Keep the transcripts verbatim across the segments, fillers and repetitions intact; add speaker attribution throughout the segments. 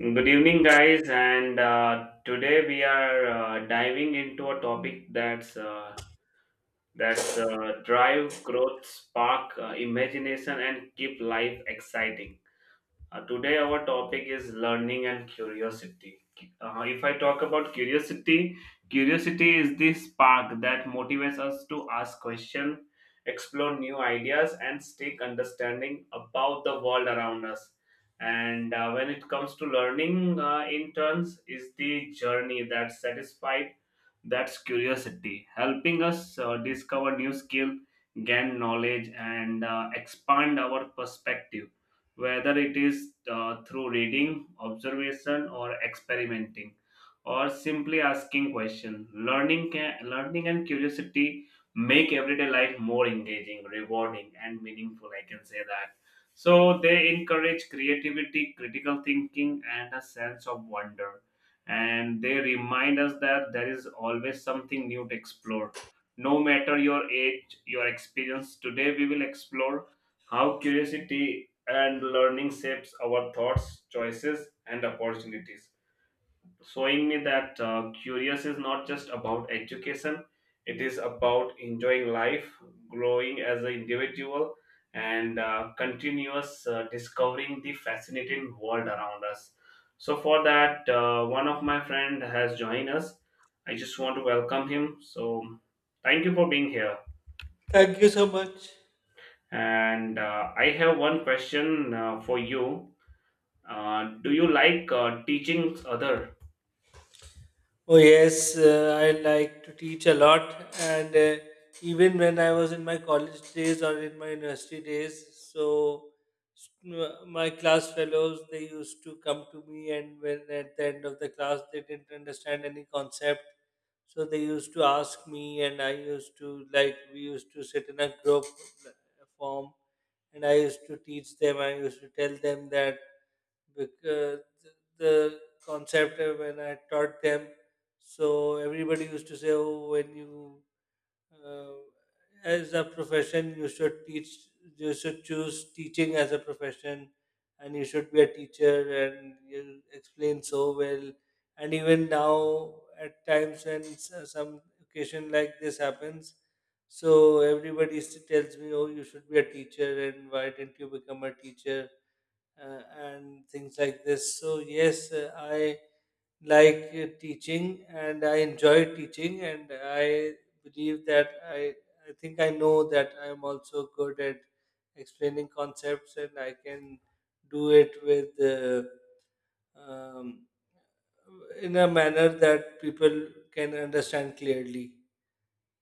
Speaker 1: Good evening, guys, and uh, today we are uh, diving into a topic that's uh, that's uh, drive growth, spark uh, imagination, and keep life exciting. Uh, today, our topic is learning and curiosity. Uh, if I talk about curiosity, curiosity is the spark that motivates us to ask questions, explore new ideas, and seek understanding about the world around us. And uh, when it comes to learning, uh, in turns, is the journey that satisfies that's curiosity, helping us uh, discover new skill, gain knowledge, and uh, expand our perspective, whether it is uh, through reading, observation, or experimenting, or simply asking questions. Learning, can, learning and curiosity make everyday life more engaging, rewarding, and meaningful. I can say that. So they encourage creativity, critical thinking, and a sense of wonder, and they remind us that there is always something new to explore. No matter your age, your experience, today we will explore how curiosity and learning shapes our thoughts, choices, and opportunities, showing me that uh, curious is not just about education, it is about enjoying life, growing as an individual, and uh, continuous uh, discovering the fascinating world around us. So for that, uh, one of my friend has joined us. I just want to welcome him, so thank you for being here.
Speaker 2: Thank you so much.
Speaker 1: And uh, I have one question uh, for you. Uh, do you like uh, teaching other?
Speaker 2: Oh, yes, uh, I like to teach a lot, and uh, even when I was in my college days or in my university days, so s- m- my class fellows they used to come to me, and when at the end of the class they didn't understand any concept, so they used to ask me, and I used to like we used to sit in a group uh, form, and I used to teach them, I used to tell them that. Because the concept uh, when I taught them, so everybody used to say, "Oh, when you uh, as a profession, you should teach. You should choose teaching as a profession, and you should be a teacher, and you explain so well." And even now, at times when s- some occasion like this happens, so everybody s- tells me, "Oh, you should be a teacher, and why didn't you become a teacher?" Uh, and things like this. So, yes, uh, I like uh, teaching and I enjoy teaching, and I believe that I, I think I know that I'm also good at explaining concepts and I can do it with uh, um, in a manner that people can understand clearly.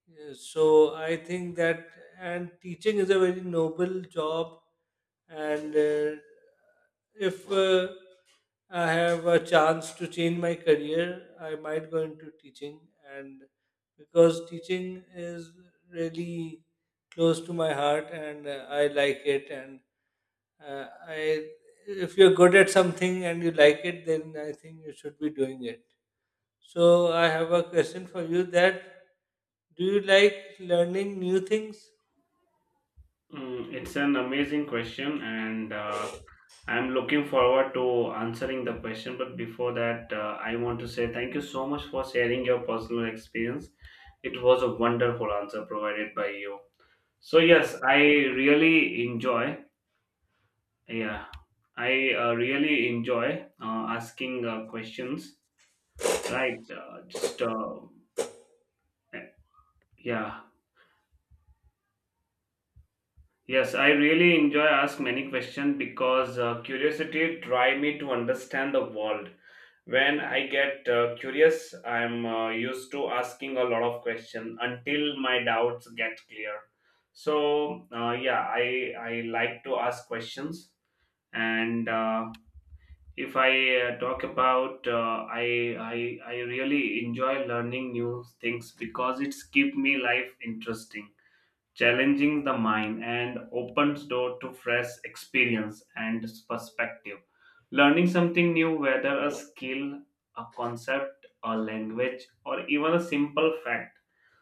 Speaker 2: Yes, so I think that and teaching is a very noble job, and uh, if uh, I have a chance to change my career, I might go into teaching, and because teaching is really close to my heart, and uh, I like it, and uh, I if you're good at something and you like it, then I think you should be doing it. So I have a question for you that do you like learning new things?
Speaker 1: Mm, it's an amazing question, and uh, I'm looking forward to answering the question. But before that, uh, I want to say thank you so much for sharing your personal experience. It was a wonderful answer provided by you. So
Speaker 2: Thank
Speaker 1: yes,
Speaker 2: you.
Speaker 1: I really enjoy. Yeah, I uh, really enjoy uh, asking uh, questions. Right, uh, just uh, yeah. Yes, I really enjoy ask many questions because uh, curiosity try me to understand the world. When I get uh, curious, I'm uh, used to asking a lot of questions until my doubts get clear. So uh, yeah, I I like to ask questions, and uh, if I uh, talk about, uh, I I I really enjoy learning new things because it's keep me life interesting, challenging the mind and opens door to fresh experience and perspective. Learning something new, whether a skill, a concept, a language, or even a simple fact,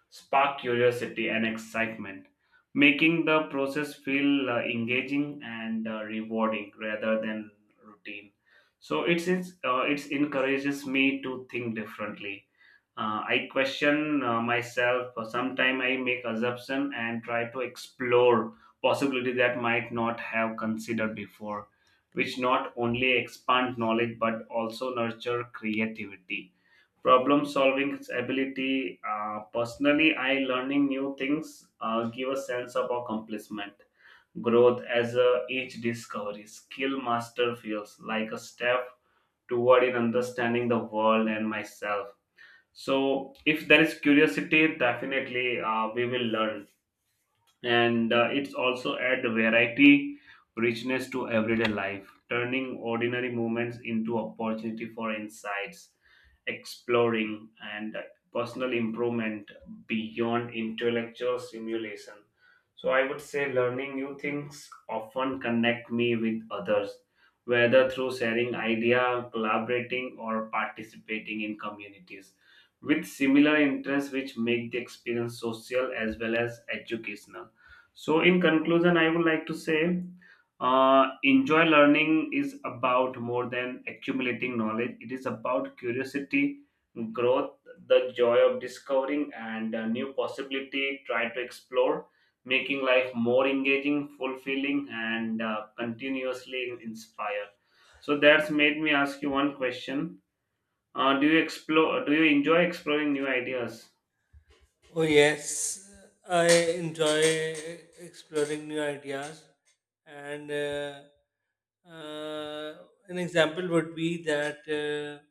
Speaker 1: spark curiosity and excitement, making the process feel uh, engaging and uh, rewarding rather than routine. So it's, it's uh, it encourages me to think differently. Uh, I question uh, myself. Sometimes I make assumption and try to explore possibility that might not have considered before, which not only expand knowledge but also nurture creativity, problem solving ability. Uh, personally, I learning new things uh, give a sense of accomplishment, growth, as a each discovery skill master feels like a step toward in understanding the world and myself. So if there is curiosity, definitely uh, we will learn, and uh, it's also add the variety, richness to everyday life, turning ordinary moments into opportunity for insights, exploring, and uh, personal improvement beyond intellectual stimulation. So I would say learning new things often connect me with others, whether through sharing idea, collaborating, or participating in communities with similar interests, which make the experience social as well as educational. So, in conclusion, I would like to say, uh, enjoy learning is about more than accumulating knowledge, it is about curiosity, growth, the joy of discovering, and uh, new possibility. Try to explore, making life more engaging, fulfilling, and uh, continuously inspire. So, that's made me ask you one question. Uh, do you explore? Do you enjoy exploring new ideas?
Speaker 2: Oh yes, I enjoy exploring new ideas and uh, uh, an example would be that uh,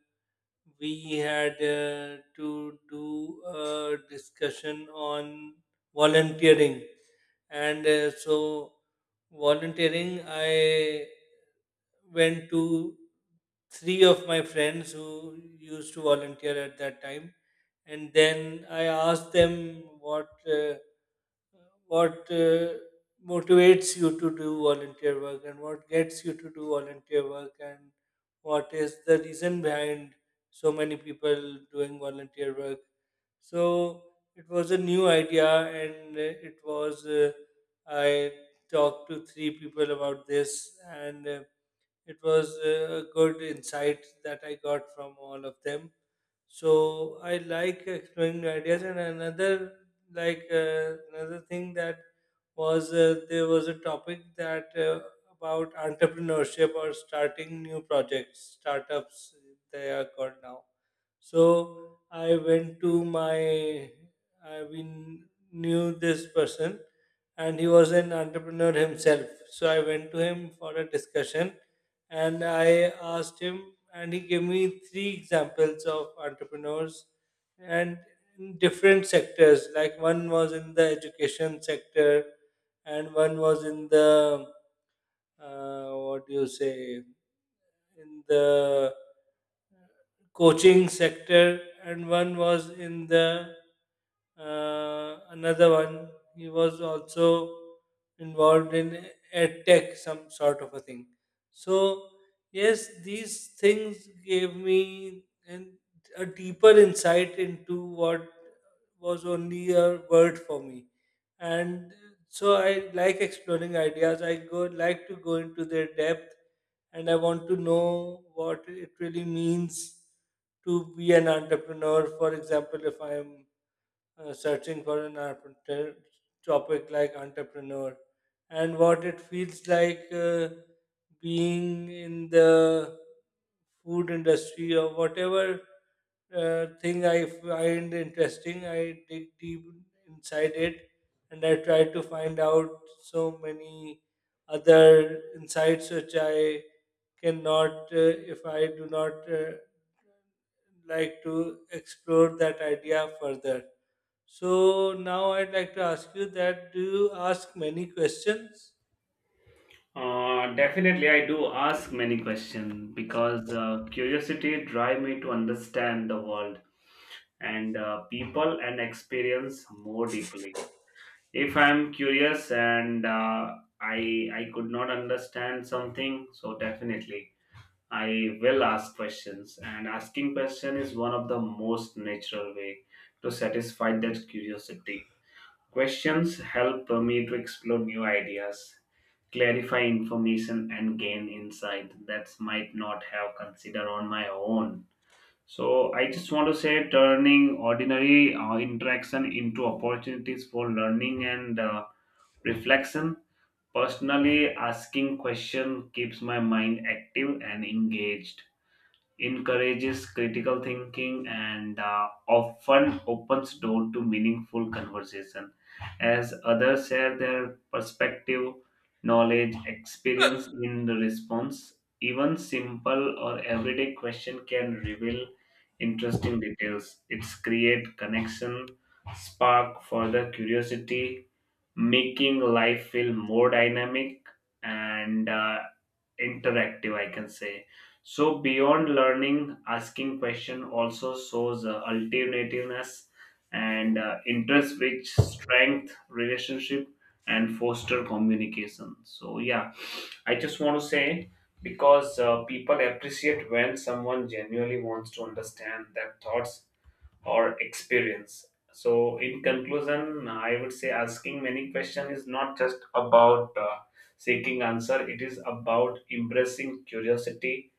Speaker 2: we had uh, to do a discussion on volunteering and uh, so volunteering I went to three of my friends who used to volunteer at that time, and then I asked them what uh, what uh, motivates you to do volunteer work and what gets you to do volunteer work and what is the reason behind so many people doing volunteer work. So it was a new idea, and uh, it was uh, I talked to three people about this. And. Uh, it was a good insight that I got from all of them. So I like exploring new ideas, and another like uh, another thing that was uh, there was a topic that uh, about entrepreneurship or starting new projects, startups they are called now. So I went to my, I mean, knew this person and he was an entrepreneur himself. So I went to him for a discussion and I asked him, and he gave me three examples of entrepreneurs and in different sectors. Like one was in the education sector, and one was in the, uh, what do you say, in the coaching sector, and one was in the uh, another one. He was also involved in ed tech, some sort of a thing. So yes, these things gave me an, a deeper insight into what was only a word for me, and so I like exploring ideas. I go like to go into their depth and I want to know what it really means to be an entrepreneur. For example, if I'm uh, searching for an entrepreneur, topic like entrepreneur and what it feels like uh, being in the food industry or whatever uh, thing I find interesting. I dig deep inside it and I try to find out so many other insights which I cannot uh, if I do not Uh, like to explore that idea further. So now I'd like to ask you that do you ask many questions?
Speaker 1: Uh, definitely, I do ask many questions because uh, curiosity drive me to understand the world, and uh, people and experience more deeply. If I'm curious and uh, I I could not understand something, so definitely I will ask questions. And asking question is one of the most natural way to satisfy that curiosity. Questions help me to explore new ideas, clarify information and gain insight that might not have considered on my own. So I just want to say turning ordinary uh, interaction into opportunities for learning and uh, reflection. Personally, asking question keeps my mind active and engaged, encourages critical thinking, and uh, often opens door to meaningful conversation as others share their perspective, knowledge, experience in the response. Even simple or everyday question can reveal interesting details, it's create connection, spark further curiosity, making life feel more dynamic and uh, interactive, I can say. So beyond learning, asking question also shows uh, alternativeness and uh, interest which strength relationship and foster communication. So yeah, I just want to say, because uh, people appreciate when someone genuinely wants to understand their thoughts or experience. So, in conclusion, I would say asking many questions is not just about uh, seeking answer. It is about embracing curiosity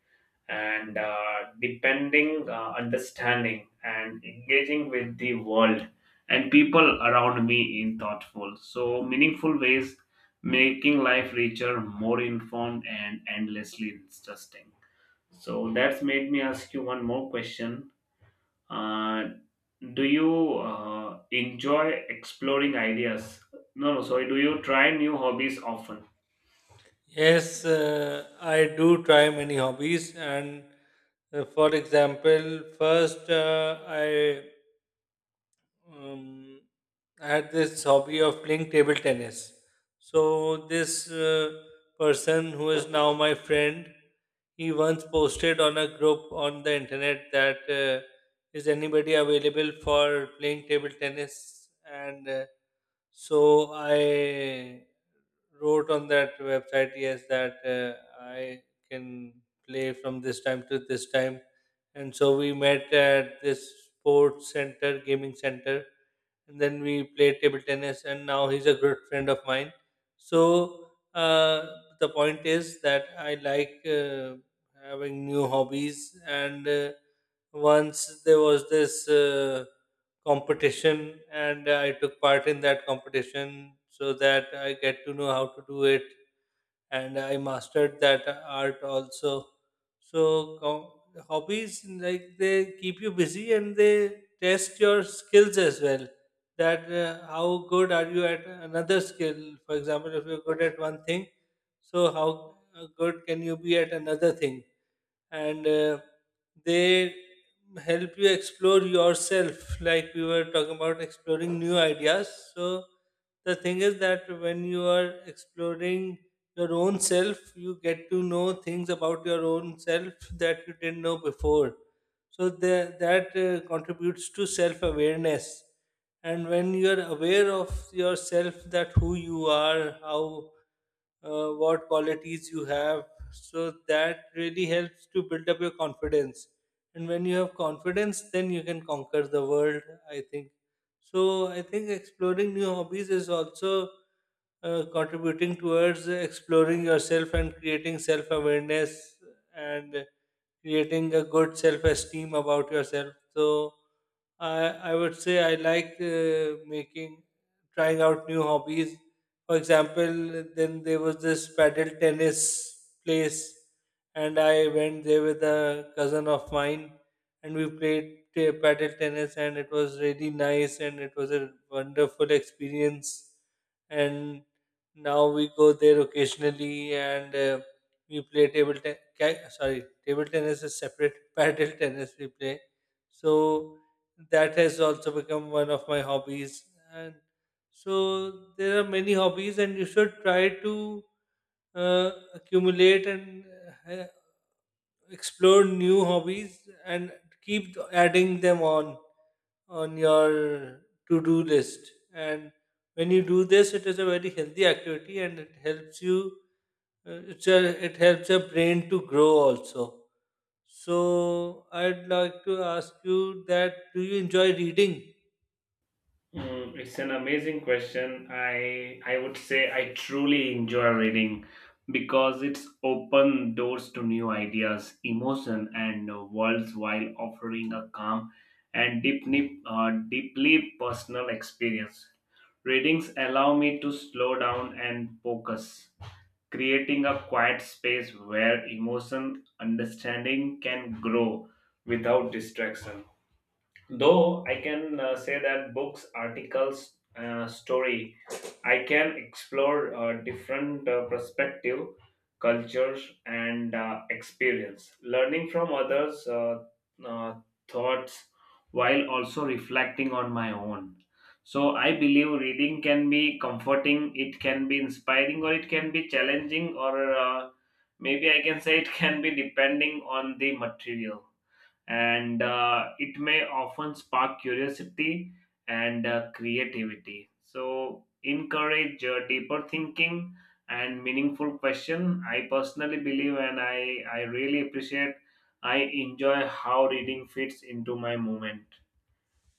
Speaker 1: and uh, depending uh, understanding and engaging with the world and people around me in thoughtful, so meaningful ways, making life richer, more informed, and endlessly interesting. So that's made me ask you one more question. uh, do you uh, enjoy exploring ideas? No, no, sorry. Do you try new hobbies often?
Speaker 2: Yes, uh, I do try many hobbies, and uh, for example, first uh, I um, I had this hobby of playing table tennis. So this uh, person who is now my friend, he once posted on a group on the internet that uh, is anybody available for playing table tennis? And uh, so I wrote on that website yes that uh, I can play from this time to this time, and so we met at this sports center gaming center, and then we played table tennis, and now he's a good friend of mine. So uh, the point is that I like uh, having new hobbies, and uh, once there was this uh, competition, and I took part in that competition so that I get to know how to do it, and I mastered that art also. So com- hobbies like they keep you busy and they test your skills as well. That uh, how good are you at another skill? For example, if you're good at one thing, so how uh, good can you be at another thing? and uh, they help you explore yourself like we were talking about exploring new ideas, so the thing is that when you are exploring your own self you get to know things about your own self that you didn't know before. So the, that uh, contributes to self awareness, and when you're aware of yourself that who you are, how uh, what qualities you have, so that really helps to build up your confidence. And when you have confidence, then you can conquer the world, I think. So I think exploring new hobbies is also uh, contributing towards exploring yourself and creating self awareness and creating a good self esteem about yourself. So I I would say I like uh, making trying out new hobbies. For example, then there was this paddle tennis place, and I went there with a cousin of mine, and we played t- paddle tennis, and it was really nice, and it was a wonderful experience. And now we go there occasionally, and uh, we play table tennis. Sorry, table tennis is separate. Paddle tennis we play, so that has also become one of my hobbies. And so there are many hobbies, and you should try to uh, accumulate and uh, explore new hobbies and keep adding them on on your to-do list. And when you do this, it is a very healthy activity, and it helps you. Uh, it's a, it helps your brain to grow also. So I'd like to ask you that: Do you enjoy reading?
Speaker 1: Mm, it's an amazing question. I I would say I truly enjoy reading because it's open doors to new ideas, emotion, and uh, worlds while offering a calm and deeply uh, deeply personal experience. Readings allow me to slow down and focus, creating a quiet space where emotion understanding can grow without distraction. Though I can uh, say that books, articles, uh, story, I can explore uh, different uh, perspective, cultures, and uh, experience. Learning from others' uh, uh, thoughts while also reflecting on my own. So I believe reading can be comforting, it can be inspiring, or it can be challenging, or uh, maybe I can say it can be depending on the material, and uh, it may often spark curiosity and uh, creativity. So, encourage uh, deeper thinking and meaningful question. I personally believe, and I I really appreciate. I enjoy how reading fits into my moment,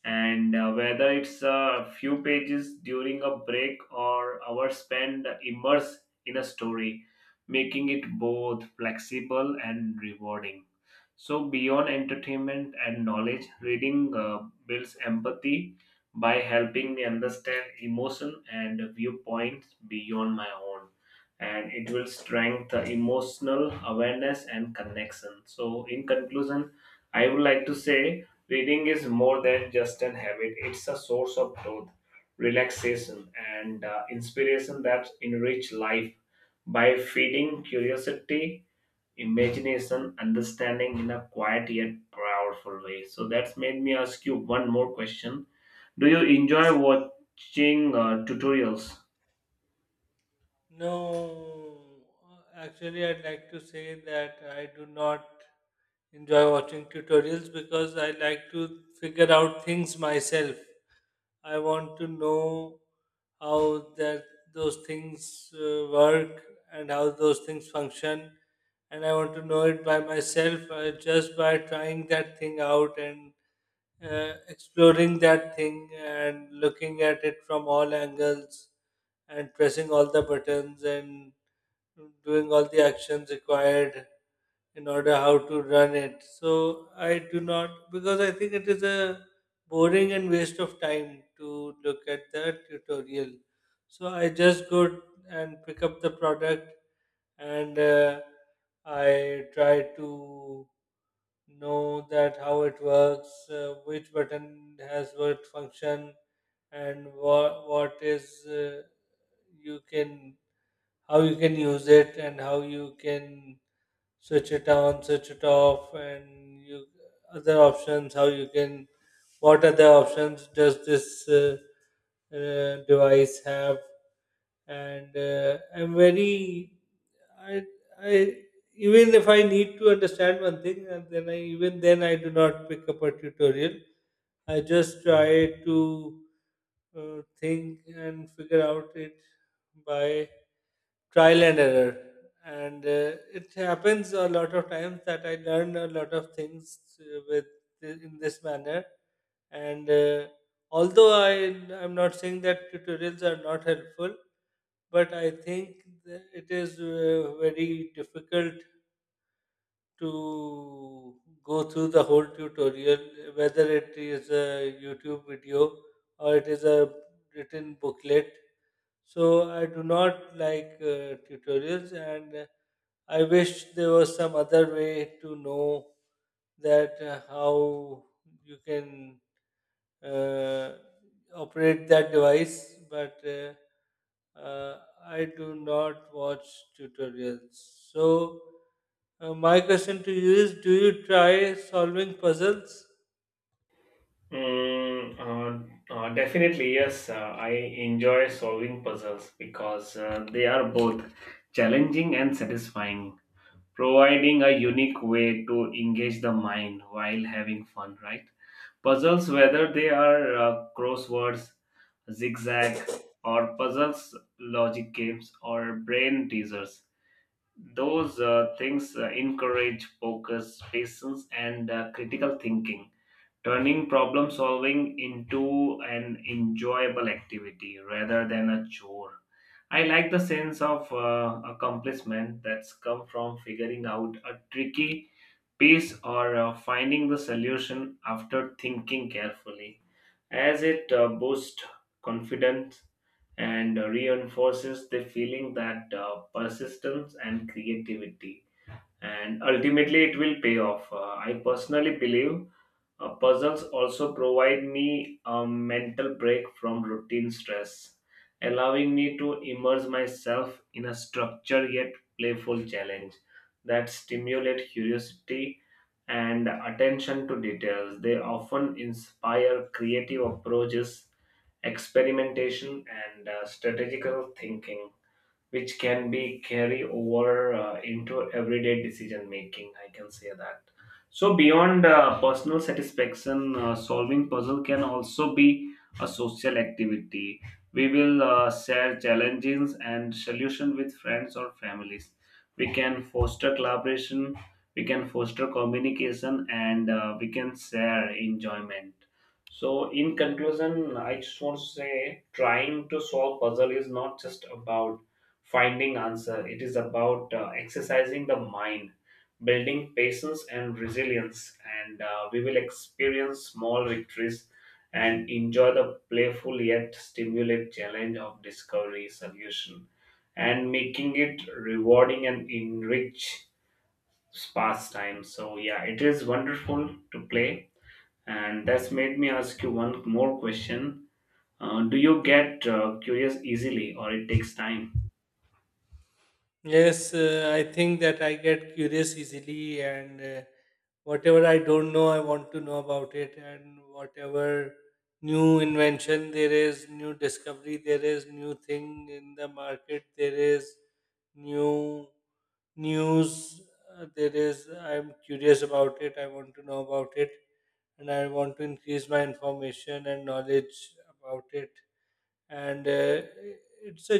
Speaker 1: and uh, whether it's a few pages during a break or hours spent immersed in a story, making it both flexible and rewarding. So, beyond entertainment and knowledge, reading uh, builds empathy by helping me understand emotion and viewpoints beyond my own. And it will strengthen emotional awareness and connection. So, in conclusion, I would like to say, reading is more than just an habit, it's a source of growth, relaxation, and uh, inspiration that enrich life by feeding curiosity, imagination, understanding in a quiet yet powerful way. So that's made me ask you one more question. Do you enjoy watching uh, tutorials?
Speaker 2: No, uh, actually, I'd like to say that I do not enjoy watching tutorials because I like to figure out things myself. I want to know how that those things uh, work and how those things function, and I want to know it by myself uh, just by trying that thing out and uh, exploring that thing and looking at it from all angles and pressing all the buttons and doing all the actions required in order how to run it. So I do not because I think it is a boring and waste of time to look at the tutorial, so I just go and pick up the product and uh, I try to know that how it works, uh, which button has what function, and what what is uh, you can how you can use it and how you can switch it on, switch it off, and you other options how you can what other options does this uh, uh, device have, and uh, I'm very I, I even if I need to understand one thing, and then I even then I do not pick up a tutorial. I just try to uh, think and figure out it by trial and error. And uh, it happens a lot of times that I learn a lot of things uh, with in this manner. And uh, although I I'm not saying that tutorials are not helpful, but I think th- it is uh, very difficult to go through the whole tutorial, whether it is a YouTube video or it is a written booklet. So I do not like uh, tutorials, and uh, I wish there was some other way to know that uh, how you can uh, operate that device, but uh, uh, I do not watch tutorials. So, uh, my question to you is: Do you try solving puzzles?
Speaker 1: Mm, uh, uh, definitely, yes. Uh, I enjoy solving puzzles because uh, they are both challenging and satisfying, providing a unique way to engage the mind while having fun, right? Puzzles, whether they are uh, crosswords, zigzag, or puzzles, logic games, or brain teasers, those uh, things uh, encourage focus, patience, and uh, critical thinking, turning problem solving into an enjoyable activity rather than a chore. I like the sense of uh, accomplishment that's come from figuring out a tricky piece or uh, finding the solution after thinking carefully, as it uh, boosts confidence and reinforces the feeling that uh, persistence and creativity and ultimately it will pay off. Uh, I personally believe uh, puzzles also provide me a mental break from routine stress, allowing me to immerse myself in a structured yet playful challenge that stimulate curiosity and attention to details. They often inspire creative approaches, experimentation, and uh, strategical thinking which can be carry over uh, into everyday decision making, I can say that. So beyond uh, personal satisfaction, uh, solving puzzle can also be a social activity. We will uh, share challenges and solution with friends or families, we can foster collaboration, we can foster communication, and uh, we can share enjoyment. So in conclusion, I just want to say trying to solve puzzle is not just about finding answer, it is about uh, exercising the mind, building patience and resilience, and uh, we will experience small victories and enjoy the playful yet stimulate challenge of discovery solution, and making it rewarding and enrich pastime. So yeah, it is wonderful to play. And that's made me ask you one more question. Uh, do you get uh, curious easily or it takes time?
Speaker 2: Yes, uh, I think that I get curious easily, and uh, whatever I don't know, I want to know about it, and whatever new invention there is, new discovery there is, new thing in the market there is, new news uh, there is, I'm curious about it, I want to know about it, and I want to increase my information and knowledge about it, and uh, it's a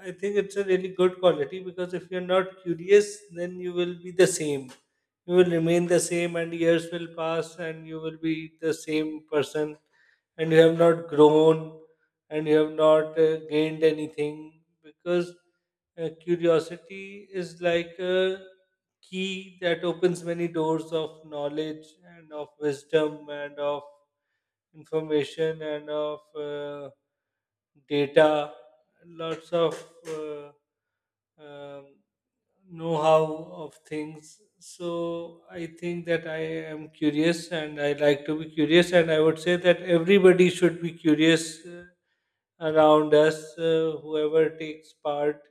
Speaker 2: I think it's a really good quality, because if you're not curious then you will be the same, you will remain the same, and years will pass and you will be the same person, and you have not grown, and you have not uh, gained anything. Because uh, curiosity is like a key that opens many doors of knowledge and of wisdom and of information and of uh, data, lots of uh, um, know-how of things. So I think that I am curious, and I like to be curious, and I would say that everybody should be curious uh, around us, uh, whoever takes part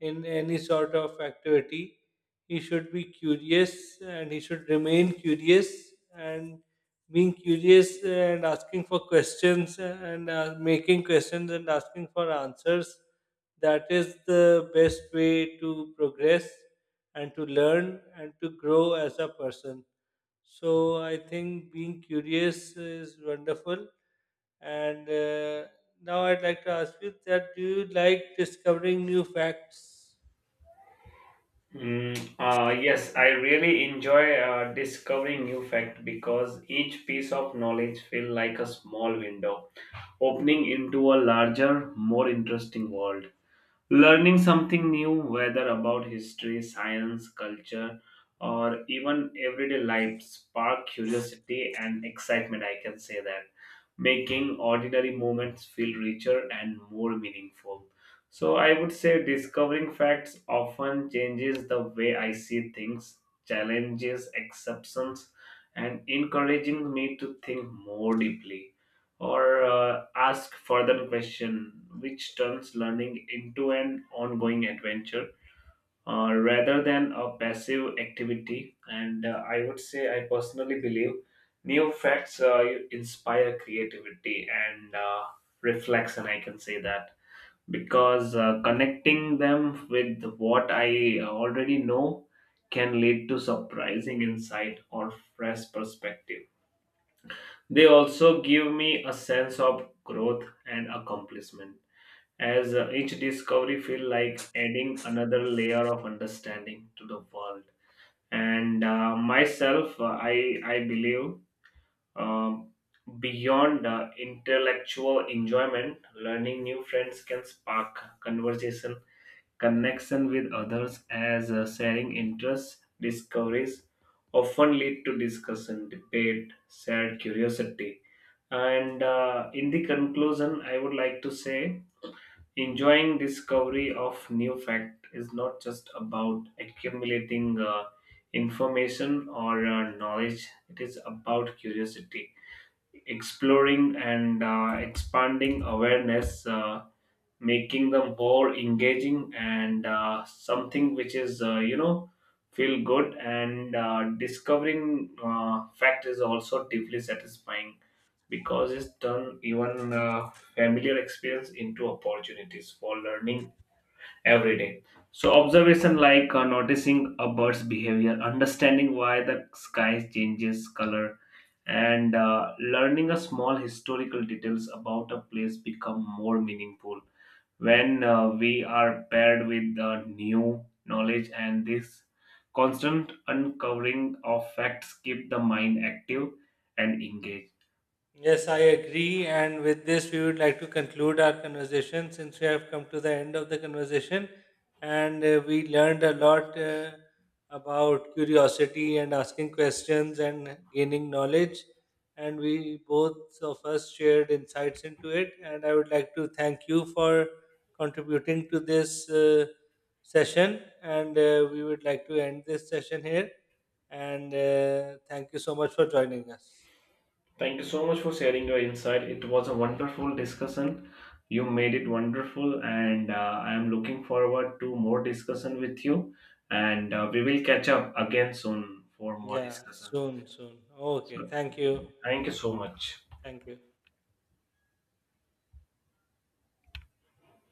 Speaker 2: in any sort of activity. He should be curious and he should remain curious, and being curious and asking for questions and uh, making questions and asking for answers, that is the best way to progress and to learn and to grow as a person. So I think being curious is wonderful, and uh, now I'd like to ask you that do you like discovering new facts?
Speaker 1: Mm, uh, yes, I really enjoy uh, discovering new fact because each piece of knowledge feel like a small window opening into a larger, more interesting world. Learning something new, whether about history, science, culture, or even everyday life, spark curiosity and excitement, I can say that, making ordinary moments feel richer and more meaningful. So, I would say discovering facts often changes the way I see things, challenges exceptions, and encouraging me to think more deeply or uh, ask further question, which turns learning into an ongoing adventure uh, rather than a passive activity. And uh, I would say I personally believe new facts uh, inspire creativity and uh, reflection, I can say that, because uh, connecting them with what I already know can lead to surprising insight or fresh perspective. They also give me a sense of growth and accomplishment, as uh, each discovery feels like adding another layer of understanding to the world. And uh, myself, uh, I, I believe um, beyond uh, intellectual enjoyment, learning new friends can spark conversation, connection with others, as uh, sharing interests, discoveries often lead to discussion, debate, shared curiosity. And uh, in the conclusion, I would like to say enjoying discovery of new fact is not just about accumulating uh, information or uh, knowledge. It is about curiosity, exploring, and uh, expanding awareness. Uh, making them more engaging and uh, something which is uh, you know, feel good. And uh, discovering uh, fact is also deeply satisfying because it's turned even uh, familiar experience into opportunities for learning every day. So observation like uh, noticing a bird's behavior, understanding why the sky changes color, and uh, learning a small historical details about a place become more meaningful when uh, we are paired with uh, new knowledge. And this constant uncovering of facts keep the mind active and engaged.
Speaker 2: Yes, I agree. And with this, we would like to conclude our conversation since we have come to the end of the conversation. And uh, we learned a lot uh, about curiosity and asking questions and gaining knowledge. And we both of us shared insights into it. And I would like to thank you for contributing to this uh, session. And uh, we would like to end this session here. And uh, thank you so much for joining us.
Speaker 1: Thank you so much for sharing your insight, it was a wonderful discussion. You made it wonderful, and uh, I am looking forward to more discussion with you, and uh, we will catch up again soon for more
Speaker 2: Yeah,
Speaker 1: discussion.
Speaker 2: soon, soon. Okay,
Speaker 1: So
Speaker 2: thank you.
Speaker 1: thank you so much.
Speaker 2: Thank you.